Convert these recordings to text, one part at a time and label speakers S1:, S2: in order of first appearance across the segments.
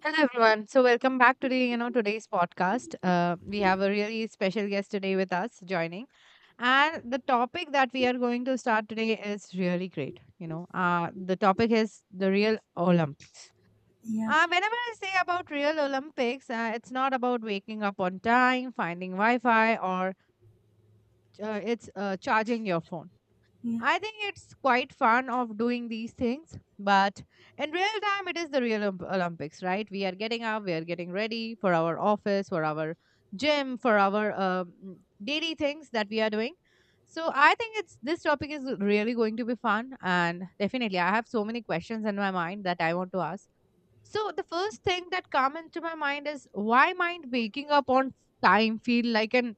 S1: Hello, everyone. So welcome back to the you know today's podcast. We have a really special guest today with us joining, and the topic that we are going to start today is really great. You know, the topic is the real Olympics.
S2: Yeah,
S1: Whenever I say about real Olympics, it's not about waking up on time, finding Wi-Fi, or it's charging your phone.
S2: yeah.
S1: I think it's quite fun of doing these things, but in real time, it is the real Olympics, right? We are getting up, we are getting ready for our office, for our gym, for our daily things that we are doing. So I think it's this topic is really going to be fun, and definitely, I have so many questions in my mind that I want to ask. So the first thing that come into my mind is why might waking up on time feel like an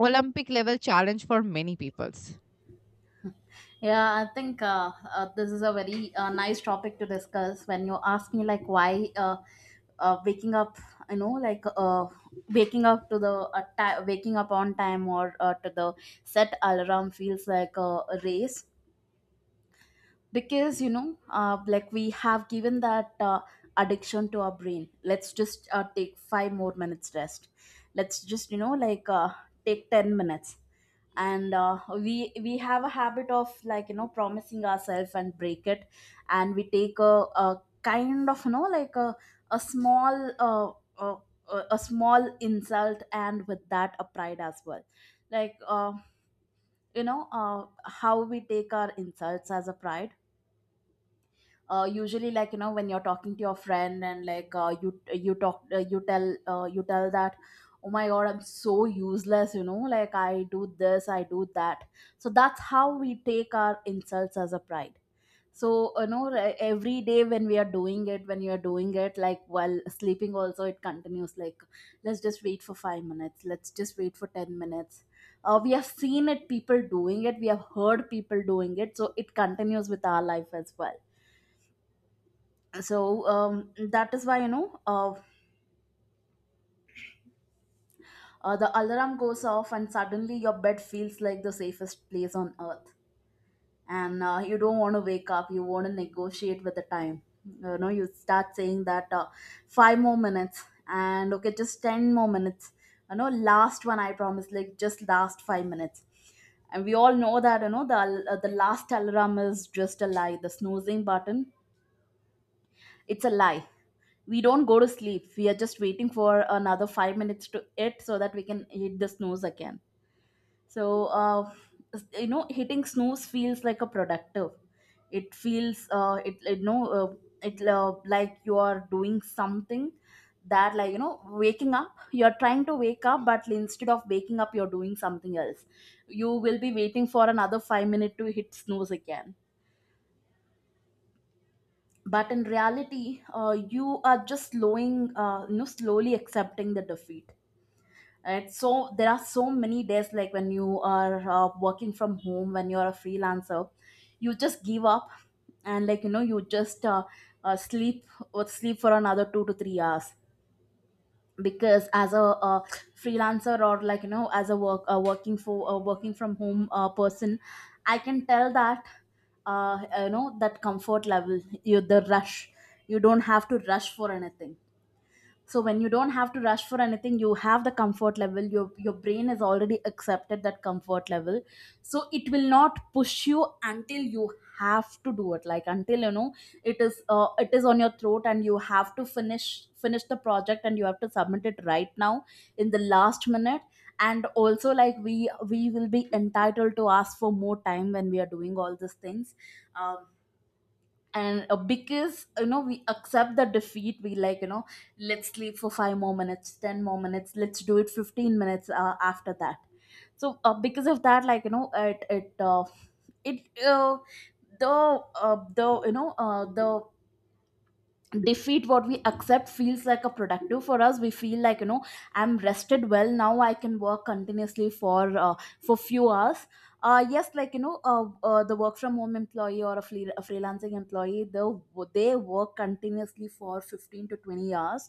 S1: Olympic level challenge for many people?
S2: Yeah. I think this is a very nice topic to discuss. When you ask me like why waking up, you know, like uh, waking up to the ti waking up on time or to the set alarm feels like a race because like we have given that addiction to our brain. Let's just take five more minutes rest. Let's just take 10 minutes and we have a habit of like you know promising ourselves and break it, and we take a kind of you know like a small uh, uh, a small insult and with that a pride as well, like you know how we take our insults as a pride. Uh, usually like you know when you're talking to your friend and like uh, you talk, you tell that, oh my god, I'm so useless, you know, like I do this, I do that. So that's how we take our insults as a pride. So you know, like every day when we are doing it, when you're doing it, like while sleeping also it continues, like let's just wait for 5 minutes, let's just wait for 10 minutes. We have seen it, people doing it, we have heard people doing it, so it continues with our life as well. So that is why the alarm goes off and suddenly your bed feels like the safest place on earth, and you don't want to wake up, you want to negotiate with the time. You know you start saying that, five more minutes, and okay, just 10 more minutes, you know, last one I promise, like just last 5 minutes. And we all know that you know the last alarm is just a lie. The snoozing button, it's a lie. We don't go to sleep, we are just waiting for another 5 minutes to it so that we can hit the snooze again. So you know, hitting snooze feels like a productive, it feels it you know it like you are doing something, that like you know waking up, you're trying to wake up, but instead of waking up you're doing something else. You will be waiting for another 5 minute to hit snooze again. But in reality, you are just slowing you know, slowly accepting the defeat. Right, so there are so many days like when you are working from home, when you're a freelancer, you just give up and like you know you just sleep, or sleep for another 2 to 3 hours. Because as uh, freelancer, or like you know as a working from home person, I can tell that, you know, that comfort level, you, the rush, you don't have to rush for anything. So when you don't have to rush for anything, you have the comfort level, your brain has already accepted that comfort level. So it will not push you until you have to do it, like until you know it is on your throat and you have to finish the project and you have to submit it right now, in the last minute. And also like we will be entitled to ask for more time when we are doing all these things. Um, and Because you know we accept the defeat, we like you know, let's sleep for 5 more minutes, 10 more minutes, let's do it 15 minutes after that. So because of that, like you know, it it the the the defeat what we accept feels like a productive for us, we feel like you know, I'm rested well, now I can work continuously for few hours. Yes, like you know, the work from home employee or a freelancing employee, they work continuously for 15 to 20 hours.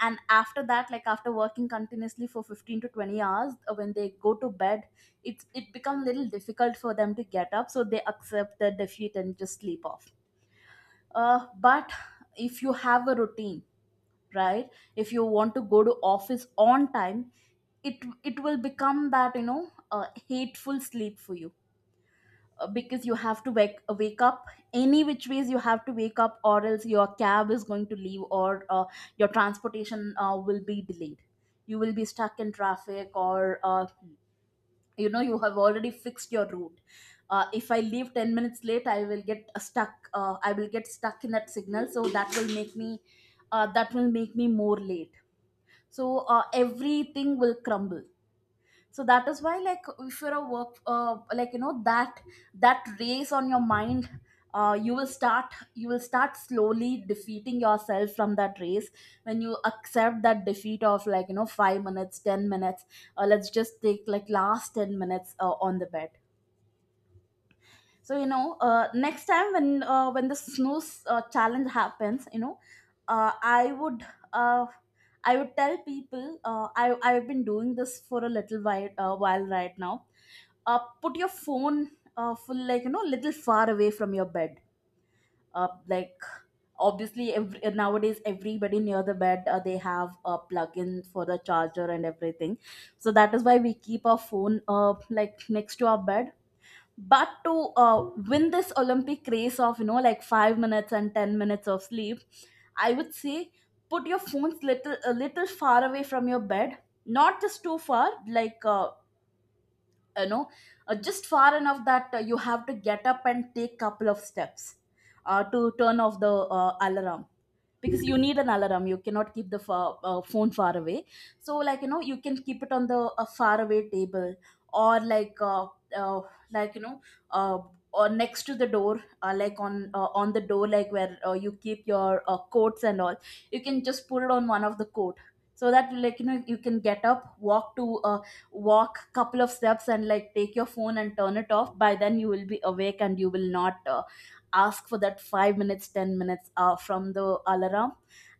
S2: And after that, like after working continuously for 15 to 20 hours, when they go to bed, it's it becomes a little difficult for them to get up, so they accept the defeat and just sleep off. But if you have a routine, right, if you want to go to office on time, it it will become that you know hateful sleep for you. Because you have to wake up, any which ways you have to wake up, or else your cab is going to leave, or your transportation will be delayed, you will be stuck in traffic. Or You know, you have already fixed your route. If I leave 10 minutes late, I will get stuck I will get stuck in that signal, so that will make me, that will make me more late. So everything will crumble. So that is why, like if you're a work like you know, that, that race on your mind, you will start, you will start slowly defeating yourself from that race when you accept that defeat of like you know 5 minutes, 10 minutes, let's just take like last 10 minutes on the bed. So you know, next time when the snooze challenge happens, you know, uh, I would uh, I would tell people, I've been doing this for a little while right now. Put your phone full like you know little far away from your bed. Like obviously every, nowadays everybody near the bed, they have a plug-in for the charger and everything. So that is why we keep our phone like next to our bed. But to win this olympic race of you know, like 5 minutes and 10 minutes of sleep, I would say put your phones little a little far away from your bed. Not just too far, like you know just far enough that you have to get up and take couple of steps to turn off the alarm. Because you need an alarm, you cannot keep the phone far away. So like you know, you can keep it on the a far away table, or like uh, like you know uh, or next to the door, like on the door, like where you keep your coats and all. You can just put it on one of the coat. So that like you know you can get up, walk to walk couple of steps, and like take your phone and turn it off. By then you will be awake and you will not ask for that 5 minutes, 10 minutes from the alarm.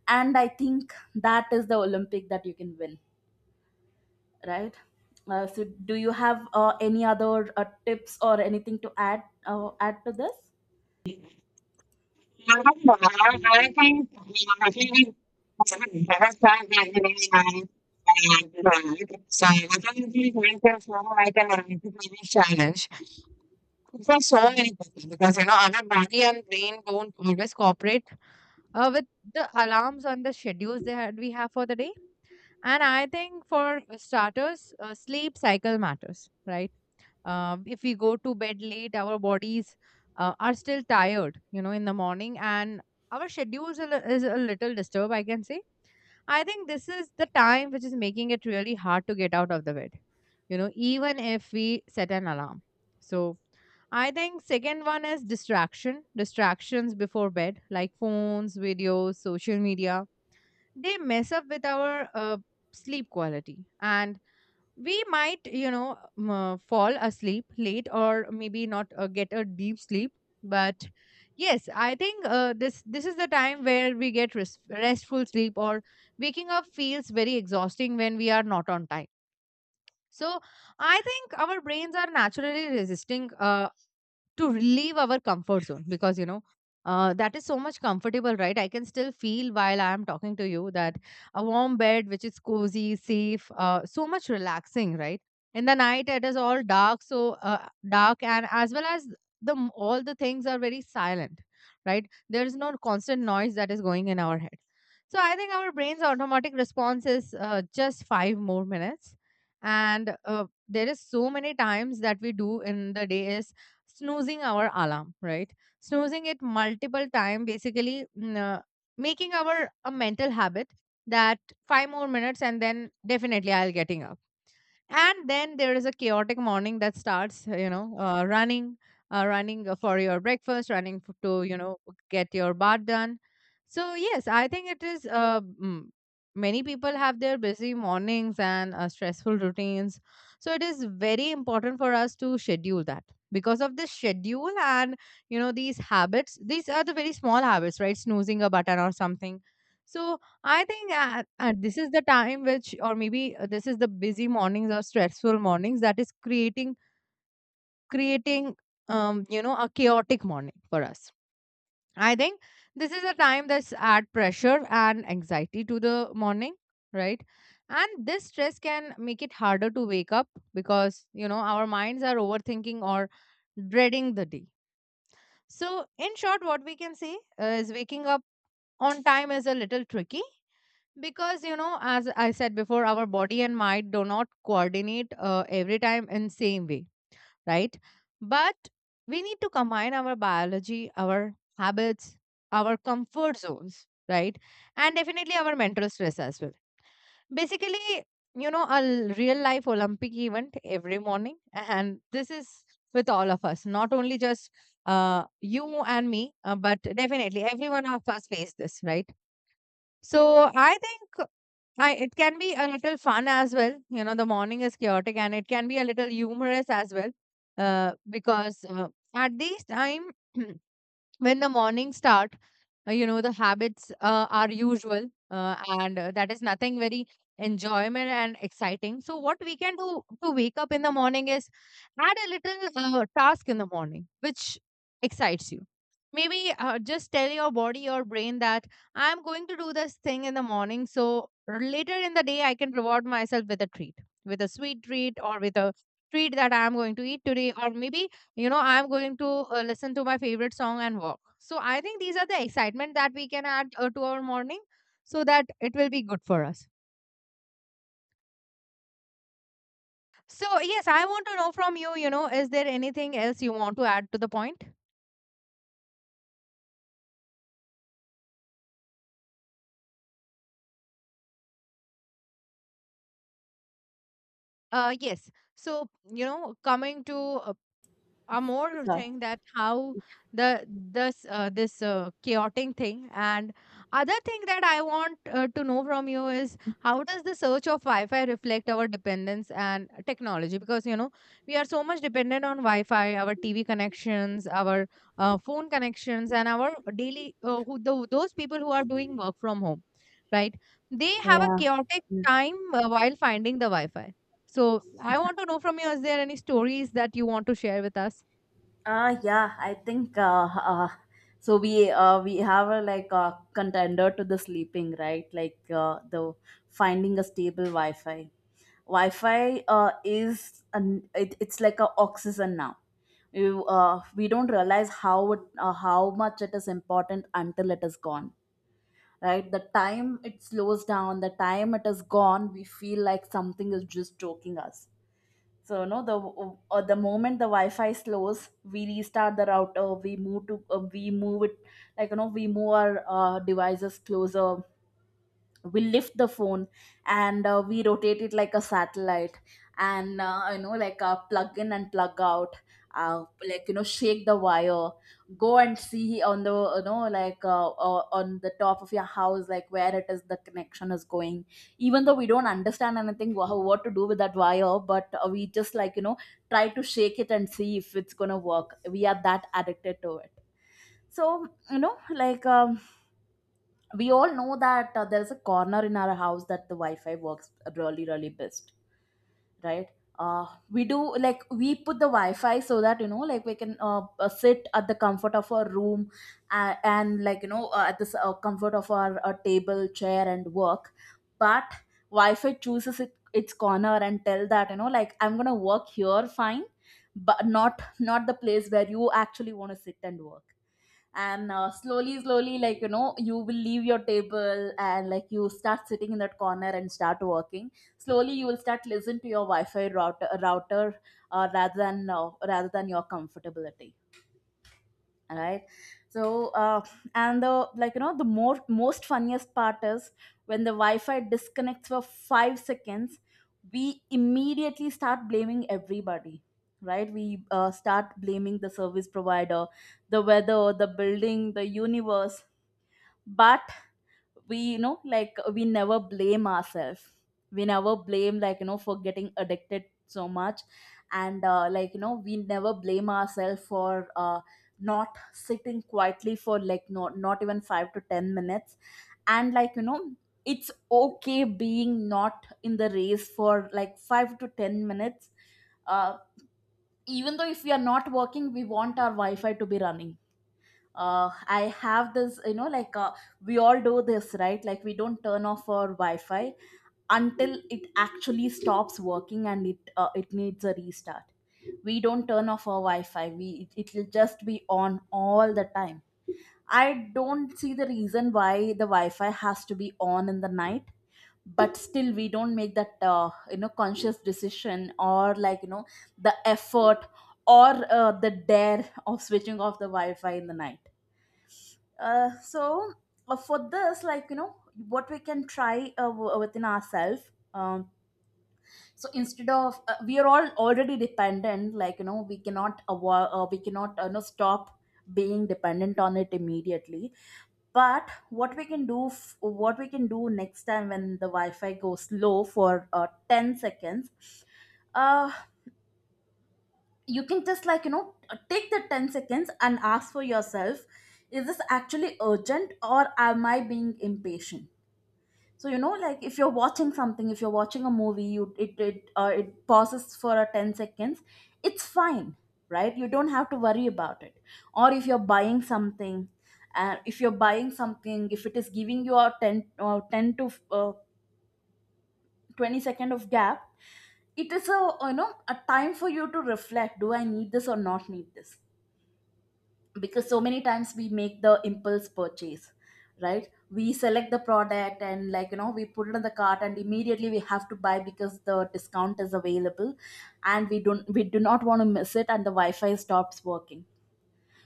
S2: And I think that is the olympic that you can win, right? So do you have any other tips or anything to add to this?
S1: So I think we going to form like an entrepreneurial challenge. It was so important because you know our body and brain don't always cooperate with the alarms and the schedules they had we have for the day. And I think for starters, sleep cycle matters, right? If we go to bed late, our bodies are still tired, you know, in the morning, and our schedules is a little disturbed, I can say. I think this is the time which is making it really hard to get out of the bed, you know, even if we set an alarm. So, I think second one is distraction, distractions before bed, like phones, videos, social media, they mess up with our sleep quality, and we might, you know, fall asleep late or maybe not get a deep sleep. But yes, I think this is the time where we get restful sleep, or waking up feels very exhausting when we are not on time. So I think our brains are naturally resisting to leave our comfort zone, because you know that is so much comfortable, right? I can still feel while I am talking to you that a warm bed which is cozy, safe, so much relaxing, right? In the night it is all dark, so uh, dark, and as well as all the things are very silent. Right, there is no constant noise that is going in our head. So I think our brain's automatic response is just 5 more minutes. And there is so many times that we do in the day is snoozing our alarm, right? Snoozing it multiple time, basically, making our a mental habit that five more minutes and then definitely I'll getting up. And then there is a chaotic morning that starts, you know, running for your breakfast, running to, you know, get your bath done. So yes, I think it is many people have their busy mornings and stressful routines, so it is very important for us to schedule that. Because of this schedule and you know these habits, these are the very small habits, right? Snoozing a button or something. So I think at this is the time which, or maybe this is the busy mornings or stressful mornings that is creating you know a chaotic morning for us. I think this is a time that's add pressure and anxiety to the morning, right? And this stress can make it harder to wake up because you know our minds are overthinking or dreading the day. So in short, what we can say is waking up on time is a little tricky. Because, you know, as I said before, our body and mind do not coordinate every time in same way, right? But we need to combine our biology, our habits, our comfort zones, right? And definitely our mental stress as well. Basically, you know, a real life Olympic event every morning. And this is with all of us, not only just you and me, but definitely every one of us face this, right? So I think I it can be a little fun as well. You know, the morning is chaotic and it can be a little humorous as well. Because at this time, when the morning start, you know the habits are usual, and that is nothing very enjoyment and exciting. So what we can do to wake up in the morning is add a little task in the morning which excites you. Maybe just tell your body or brain that I'm going to do this thing in the morning, so later in the day I can reward myself with a treat, with a sweet treat, or with a treat that I'm going to eat today. Or maybe, you know, I'm going to listen to my favorite song and walk. So I think these are the excitement that we can add to our morning so that it will be good for us. So yes, I want to know from you, you know, is there anything else you want to add to the point? Uh, yes, so you know, coming to a more
S2: Sorry.
S1: thing that how the this this chaotic thing and other thing that I want to know from you is how does the search of Wi-Fi reflect our dependence and technology? Because you know we are so much dependent on Wi-Fi, our TV connections, our phone connections, and our daily those people who are doing work from home, right? They have a
S2: Yeah.
S1: chaotic time while finding the Wi-Fi. So I want to know from you, is there any stories that you want to share with us?
S2: Yeah, I think, so, we have a like a contender to the sleeping, right? Like the finding a stable Wi-Fi. Wi-Fi is it's like a oxygen now. We don't realize how how much it is important until it is gone. Right, the time it slows down, the time it is gone, we feel like something is just choking us. So no, the moment the Wi-Fi slows, we restart the router. We move to we move it we move our devices closer. We lift the phone and we rotate it like a satellite, and plug in and plug out. Shake the wire, go and see on the on the top of your house, like where it is the connection is going. Even though we don't understand anything what to do with that wire, but we just try to shake it and see if it's gonna work. We are that addicted to it. So we all know that there's a corner in our house that the wi-fi works really really best, right? We do like we put the wi-fi so that we can sit at the comfort of our room, and like you know at the s- comfort of our table chair and work. But wi-fi chooses its corner and tell that I'm gonna work here fine, but not the place where you actually want to sit and work. And slowly slowly, you will leave your table and like you start sitting in that corner and start working. Slowly you will start listen to your wi-fi router, rather than rather than your comfortability. All right. So and the like you know the more most funniest part is when the wi-fi disconnects for 5 seconds, we immediately start blaming everybody. Right, we start blaming the service provider, the weather, the building, the universe. But we we never blame ourselves. We never blame for getting addicted so much. And we never blame ourselves for not sitting quietly for like no, not even 5 to 10 minutes. And it's okay being not in the race for like 5 to 10 minutes. uh, Even though if we are not working, we want our wi-fi to be running. I have this. We all do this, right? Like we don't turn off our Wi-Fi until it actually stops working and it needs a restart. We don't turn off our Wi-Fi. It'll just be on all the time. I don't see the reason why the Wi-Fi has to be on in the night, but still we don't make that conscious decision, or the effort, or the dare of switching off the Wi-Fi in the night. uh, so for this, what we can try within ourselves. So instead of we are all already dependent, we cannot we cannot stop being dependent on it immediately. But what we can do what we can do next time when the wi-fi goes low for 10 seconds, uh, you can just take the 10 seconds and ask for yourself, is this actually urgent or am I being impatient? So if you're watching something, if you're watching a movie, you it pauses for a 10 seconds, it's fine, right? You don't have to worry about it. Or if you're buying something, if you're buying something, if it is giving you a 10 to 20 second of gap, it is a you know, a time for you to reflect, do I need this or not need this? Because so many times we make the impulse purchase, right? We select the product and we put it in the cart and immediately we have to buy because the discount is available, and we do not want to miss it, and the wi-fi stops working.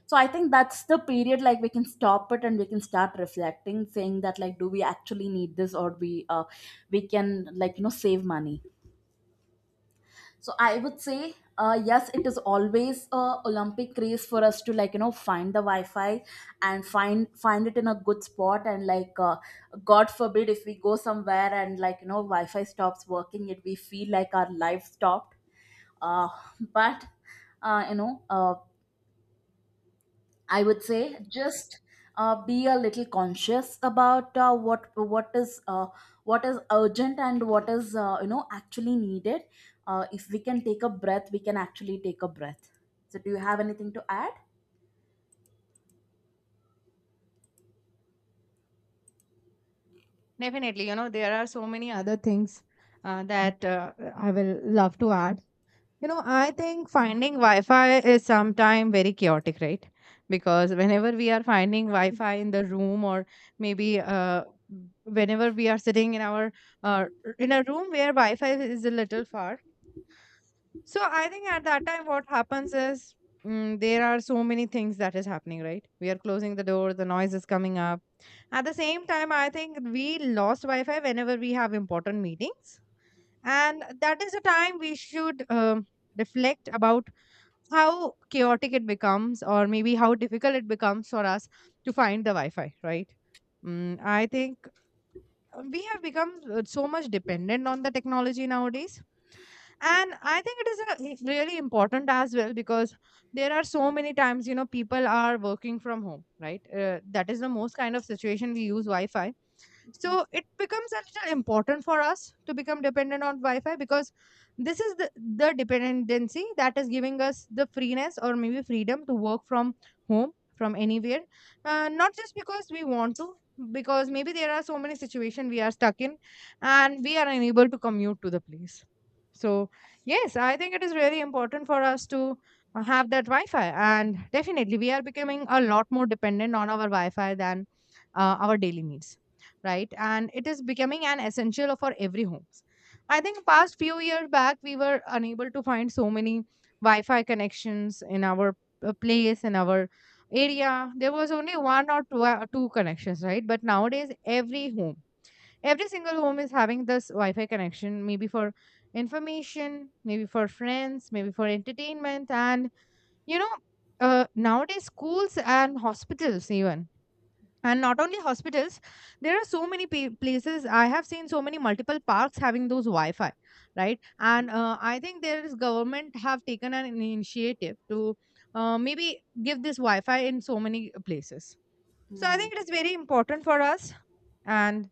S2: So I think that's the period like we can stop it and we can start reflecting, saying that like, do we actually need this, or we can save money. So I would say, yes, it is always a Olympic race for us to find the Wi-Fi and find it in a good spot, and God forbid if we go somewhere and Wi-Fi stops working, it we feel like our life stopped. Uh, but uh, you know uh, I would say just be a little conscious about what is urgent and what is actually needed. If we can take a breath, we can actually take a breath. So, do you have anything to add?
S1: Definitely, you know, there are so many other things that I will love to add. You know, I think finding Wi-Fi is sometimes very chaotic, right? Because whenever we are finding Wi-Fi in the room, or maybe whenever we are sitting in our uh, in a room where Wi-Fi is a little far, so I think at that time what happens is, there are so many things that is happening, right? We are closing the door, the noise is coming up. At the same time, I think we lost Wi Fi whenever we have important meetings. And that is the time we should reflect about how chaotic it becomes, or maybe how difficult it becomes for us to find the Wi Fi, right? Mm, I think we have become so much dependent on the technology nowadays. And I think it is really important as well, because there are so many times, you know, people are working from home, right? That is the most kind of situation we use Wi Fi. So it becomes a little important for us to become dependent on Wi-Fi, because this is the dependency that is giving us the freeness or maybe freedom to work from home, from anywhere. Uh, not just because we want to, because maybe there are so many situations we are stuck in and we are unable to commute to the place. So yes, I think it is really important for us to have that Wi-Fi. And definitely we are becoming a lot more dependent on our Wi-Fi than our daily needs, right? And it is becoming an essential for every homes. I think past few years back we were unable to find so many Wi-Fi connections in our place, in our area. There was only one or two, two connections, right? But nowadays every home, every single home is having this Wi-Fi connection, maybe for information, maybe for friends, maybe for entertainment, and you know, nowadays schools and hospitals even, and not only hospitals, there are so many places. I have seen so many multiple parks having those Wi-Fi, right? And I think there is government have taken an initiative to maybe give this Wi-Fi in so many places. So I
S2: Yeah,
S1: think it is very important for us. And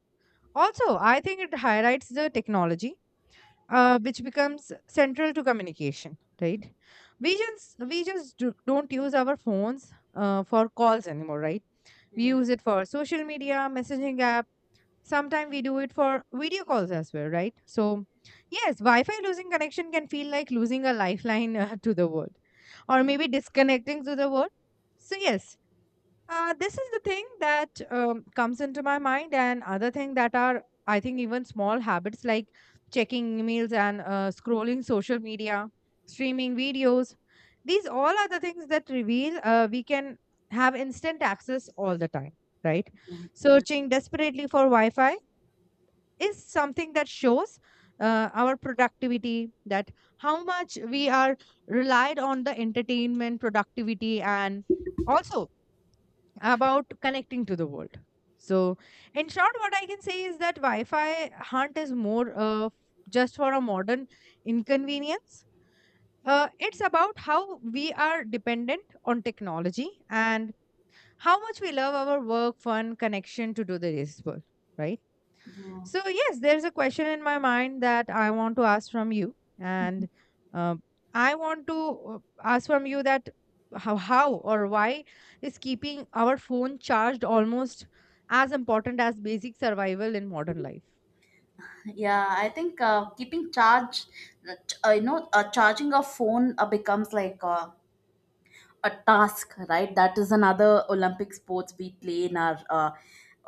S1: also I think it highlights the technology which becomes central to communication, right? We just, don't use our phones for calls anymore, right? We
S2: yeah,
S1: use it for social media, messaging app. Sometimes we do it for video calls as well, right? So yes, Wi Fi losing connection can feel like losing a lifeline to the world, or maybe disconnecting to the world. So yes, this is the thing that comes into my mind. And other thing that are, I think, even small habits like checking emails and scrolling social media, streaming videos. These all are the things that reveal we can have instant access all the time, right?
S2: yeah, yeah,
S1: Searching desperately for Wi-Fi is something that shows our productivity, that how much we are relied on the entertainment, productivity, and also about connecting to the world. So, in short, what I can say is that Wi Fi hunt is more just for a modern inconvenience. It's about how we are dependent on technology and how much we love our work, fun, connection to do the this world, right?
S2: yeah.
S1: So, yes, there's a question in my mind that I want to ask from you. And uh, I want to ask from you that how or why is keeping our phone charged almost as important as basic survival in modern life?
S2: Yeah. I think keeping charge, charging a phone becomes like a task, right? That is another olympic sports we play in our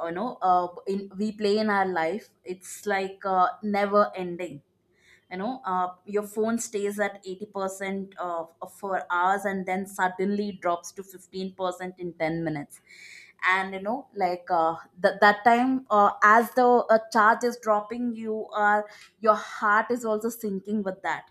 S2: you know in we play in our life. It's like never ending. Your phone stays at 80% of for hours and then suddenly drops to 15% in 10 minutes. And that time, as the charge is dropping, your heart is also sinking with that,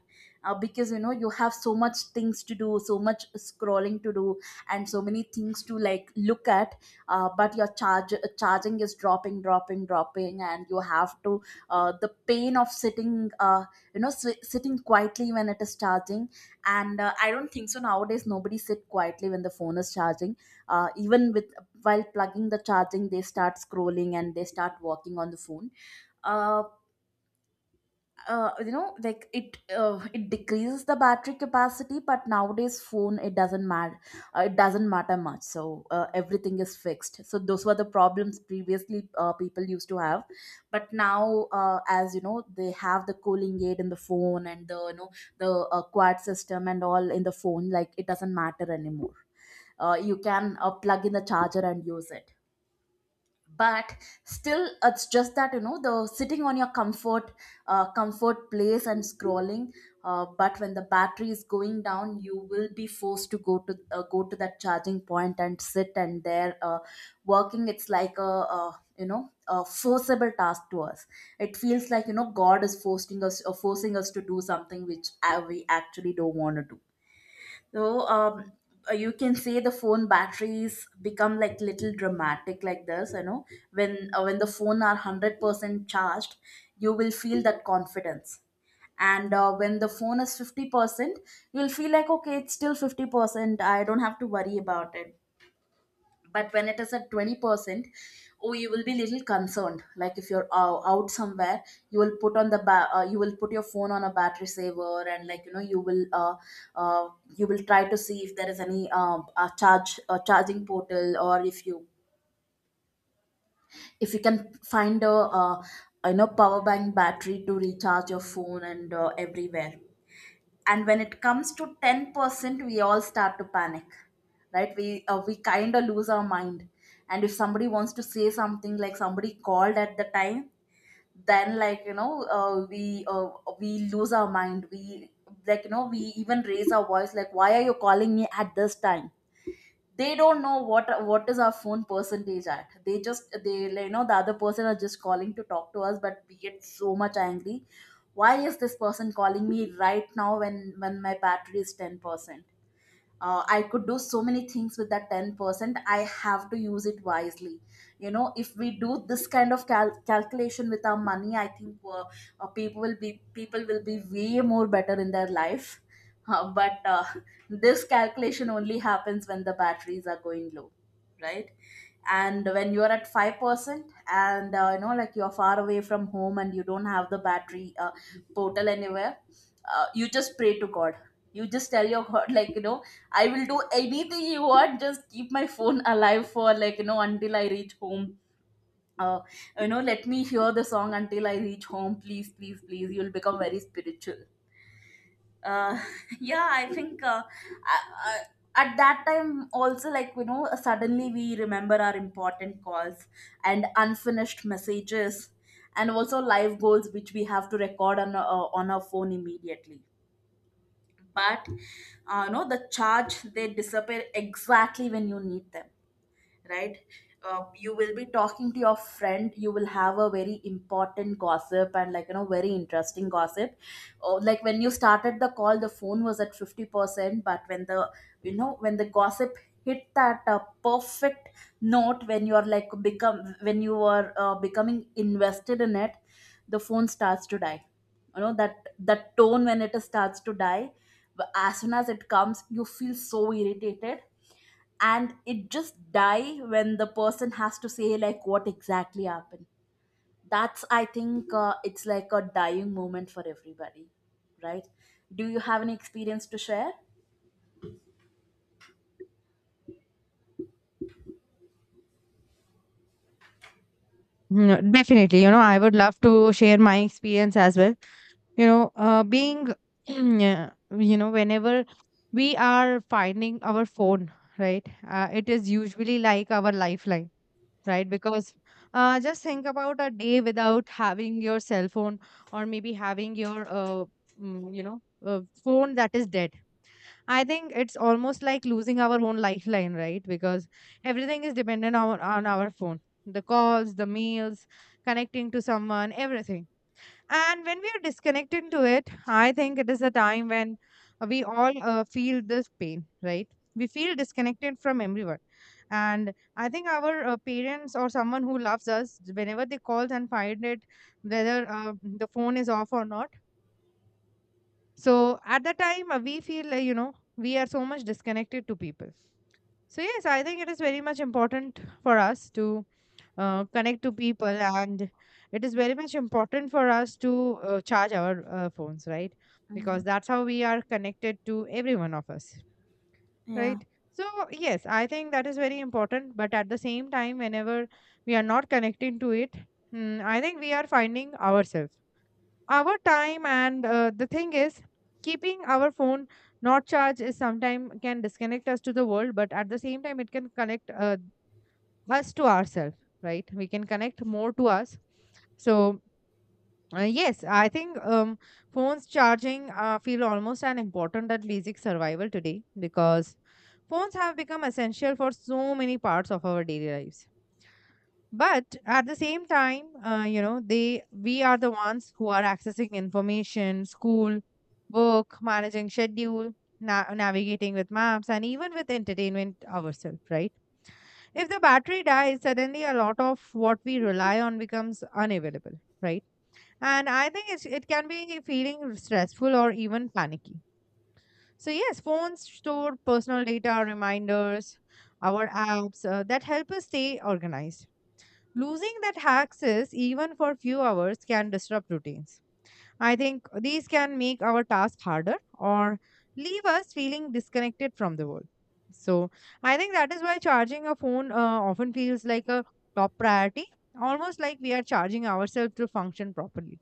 S2: because you know you have so much things to do, so much scrolling to do, and so many things to like look at. But your charge charging is dropping, dropping, and you have to the pain of sitting sitting quietly when it is charging. And I don't think so nowadays nobody sit quietly when the phone is charging. Even with while plugging the charging, they start scrolling and they start working on the phone. uh, you know, like it decreases the battery capacity, but nowadays phone it doesn't matter. It doesn't matter much. So everything is fixed, so those were the problems previously people used to have. But now, as you know, they have the cooling aid in the phone and the quad system and all in the phone, like it doesn't matter anymore. You can plug in the charger and use it. But still, it's just that you know the sitting on your comfort place and scrolling. But when the battery is going down, you will be forced to go to go to that charging point and sit and there working. It's like a, uh you know, a forcible task to us. It feels like you know God is forcing us, forcing us to do something which we actually don't want to do. So you can say the phone batteries become like little dramatic like this. You know, when the phone are 100% charged, you will feel that confidence. And when the phone is 50%, you'll feel like okay, it's still 50%, I don't have to worry about it. But when it is at 20%, oh you will be little concerned. Like if you're out somewhere, you will put on the you will put your phone on a battery saver, and uh, you will try to see if there is any charge charging portal, or if you can find a uh, power bank battery to recharge your phone. And everywhere. And when it comes to 10%, we all start to panic, right? We we kind of lose our mind. And if somebody wants to say something, like somebody called at the time, then we lose our mind. We like you know we even raise our voice, like, why are you calling me at this time? They don't know what is our phone percentage at. They just they you know, the other person are just calling to talk to us, but we get so much angry. Why is this person calling me right now when my battery is 10%? I could do so many things with that 10%, I have to use it wisely. You know, if we do this kind of calculation with our money, I think people will be way more better in their life. But this calculation only happens when the batteries are going low, right? And when you're at 5%, and you know like you're far away from home and you don't have the battery portal anywhere, you just pray to God. You just tell your god I will do anything you want, just keep my phone alive for until I reach home. uh, Let me hear the song until I reach home, please please please. You'll become very spiritual. uh, yeah, I think I, I, at that time also, suddenly we remember our important calls and unfinished messages, and also live goals which we have to record on our phone immediately. But no the charge, they disappear exactly when you need them, right? You will be talking to your friend, you will have a very important gossip, and very interesting gossip. Oh, like when you started the call the phone was at 50%, but when the you know when the gossip hit that perfect note, when you are becoming invested in it, the phone starts to die. You know that tone when it starts to die. But as soon as it comes, you feel so irritated. And it just die when the person has to say like what exactly happened. That's, I think it's like a dying moment for everybody, right? Do you have any experience to share?
S1: No, definitely. You know, I would love to share my experience as well. You know, yeah, you know, whenever we are finding our phone, right, it is usually like our lifeline, right? Because just think about a day without having your cell phone, or maybe having your mm, you know phone that is dead. I think it's almost like losing our own lifeline, right? Because everything is dependent on our phone, the calls, the meals, connecting to someone, everything. And when we are disconnected to it, I think it is a time when we all feel this pain, right? We feel disconnected from everyone. And I think our parents or someone who loves us, whenever they call and find it, whether the phone is off or not. So at that time, we feel, you know, we are so much disconnected to people. So yes, I think it is very much important for us to connect to people, and it is very much important for us to charge our phones, right?
S2: Mhm.
S1: Because that's how we are connected to every one of us,
S2: Yeah.
S1: right? So yes, I think that is very important. But at the same time, whenever we are not connecting to it, mm, I think we are finding ourselves, our time, and the thing is, keeping our phone not charged is sometimes can disconnect us to the world, but at the same time it can connect us to ourselves, right? We can connect more to us. So yes, I think phones charging feel almost an important at basic survival today, because phones have become essential for so many parts of our daily lives. But at the same time you know, they we are the ones who are accessing information, school, work, managing schedule, navigating with maps, and even with entertainment ourselves, right? If the battery dies suddenly, a lot of what we rely on becomes unavailable, right? And I think it can be feeling stressful or even panicky. So yes, phones store personal data, reminders, our apps that help us stay organized. Losing that access, even for few hours, can disrupt routines. I think these can make our task harder or leave us feeling disconnected from the world. So, I think that is why charging a phone often feels like a top priority, almost like we are charging ourselves to function properly.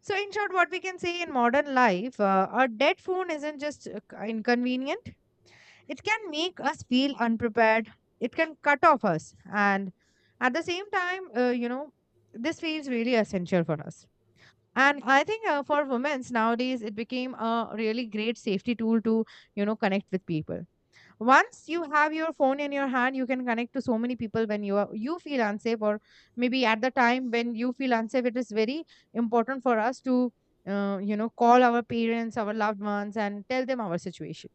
S1: So, in short, what we can say in modern life, a dead phone isn't just inconvenient, it can make us feel unprepared. It can cut off us. And at the same time, you know, this feels really essential for us. And I think for women nowadays, it became a really great safety tool to, you know, connect with people. Once you have your phone in your hand, you can connect to so many people when you are, you feel unsafe, or maybe at the time when you feel unsafe, it is very important for us to, you know, call our parents, our loved ones, and tell them our situation,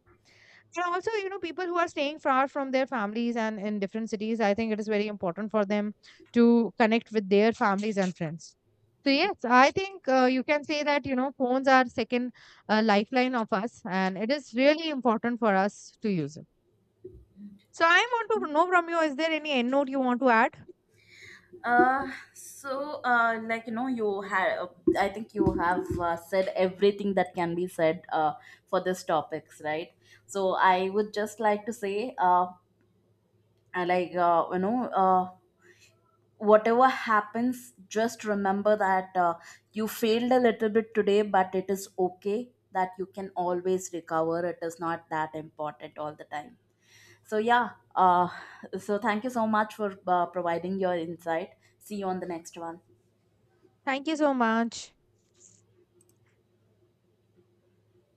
S1: and also, you know, people who are staying far from their families and in different cities, I think it is very important for them to connect with their families and friends. So, yes, I think you can say that, you know, phones are second lifeline of us, and it is really important for us to use it. So, I want to know from you, is there any end note you want to add?
S2: uh so, you have, I think you have said everything that can be said for this topics, right? So I would just like to say I whatever happens, just remember that you failed a little bit today, but it is okay that you can always recover. It is not that important all the time. So, yeah, thank you so much for providing your insight. See you on the next one.
S1: Thank you so much.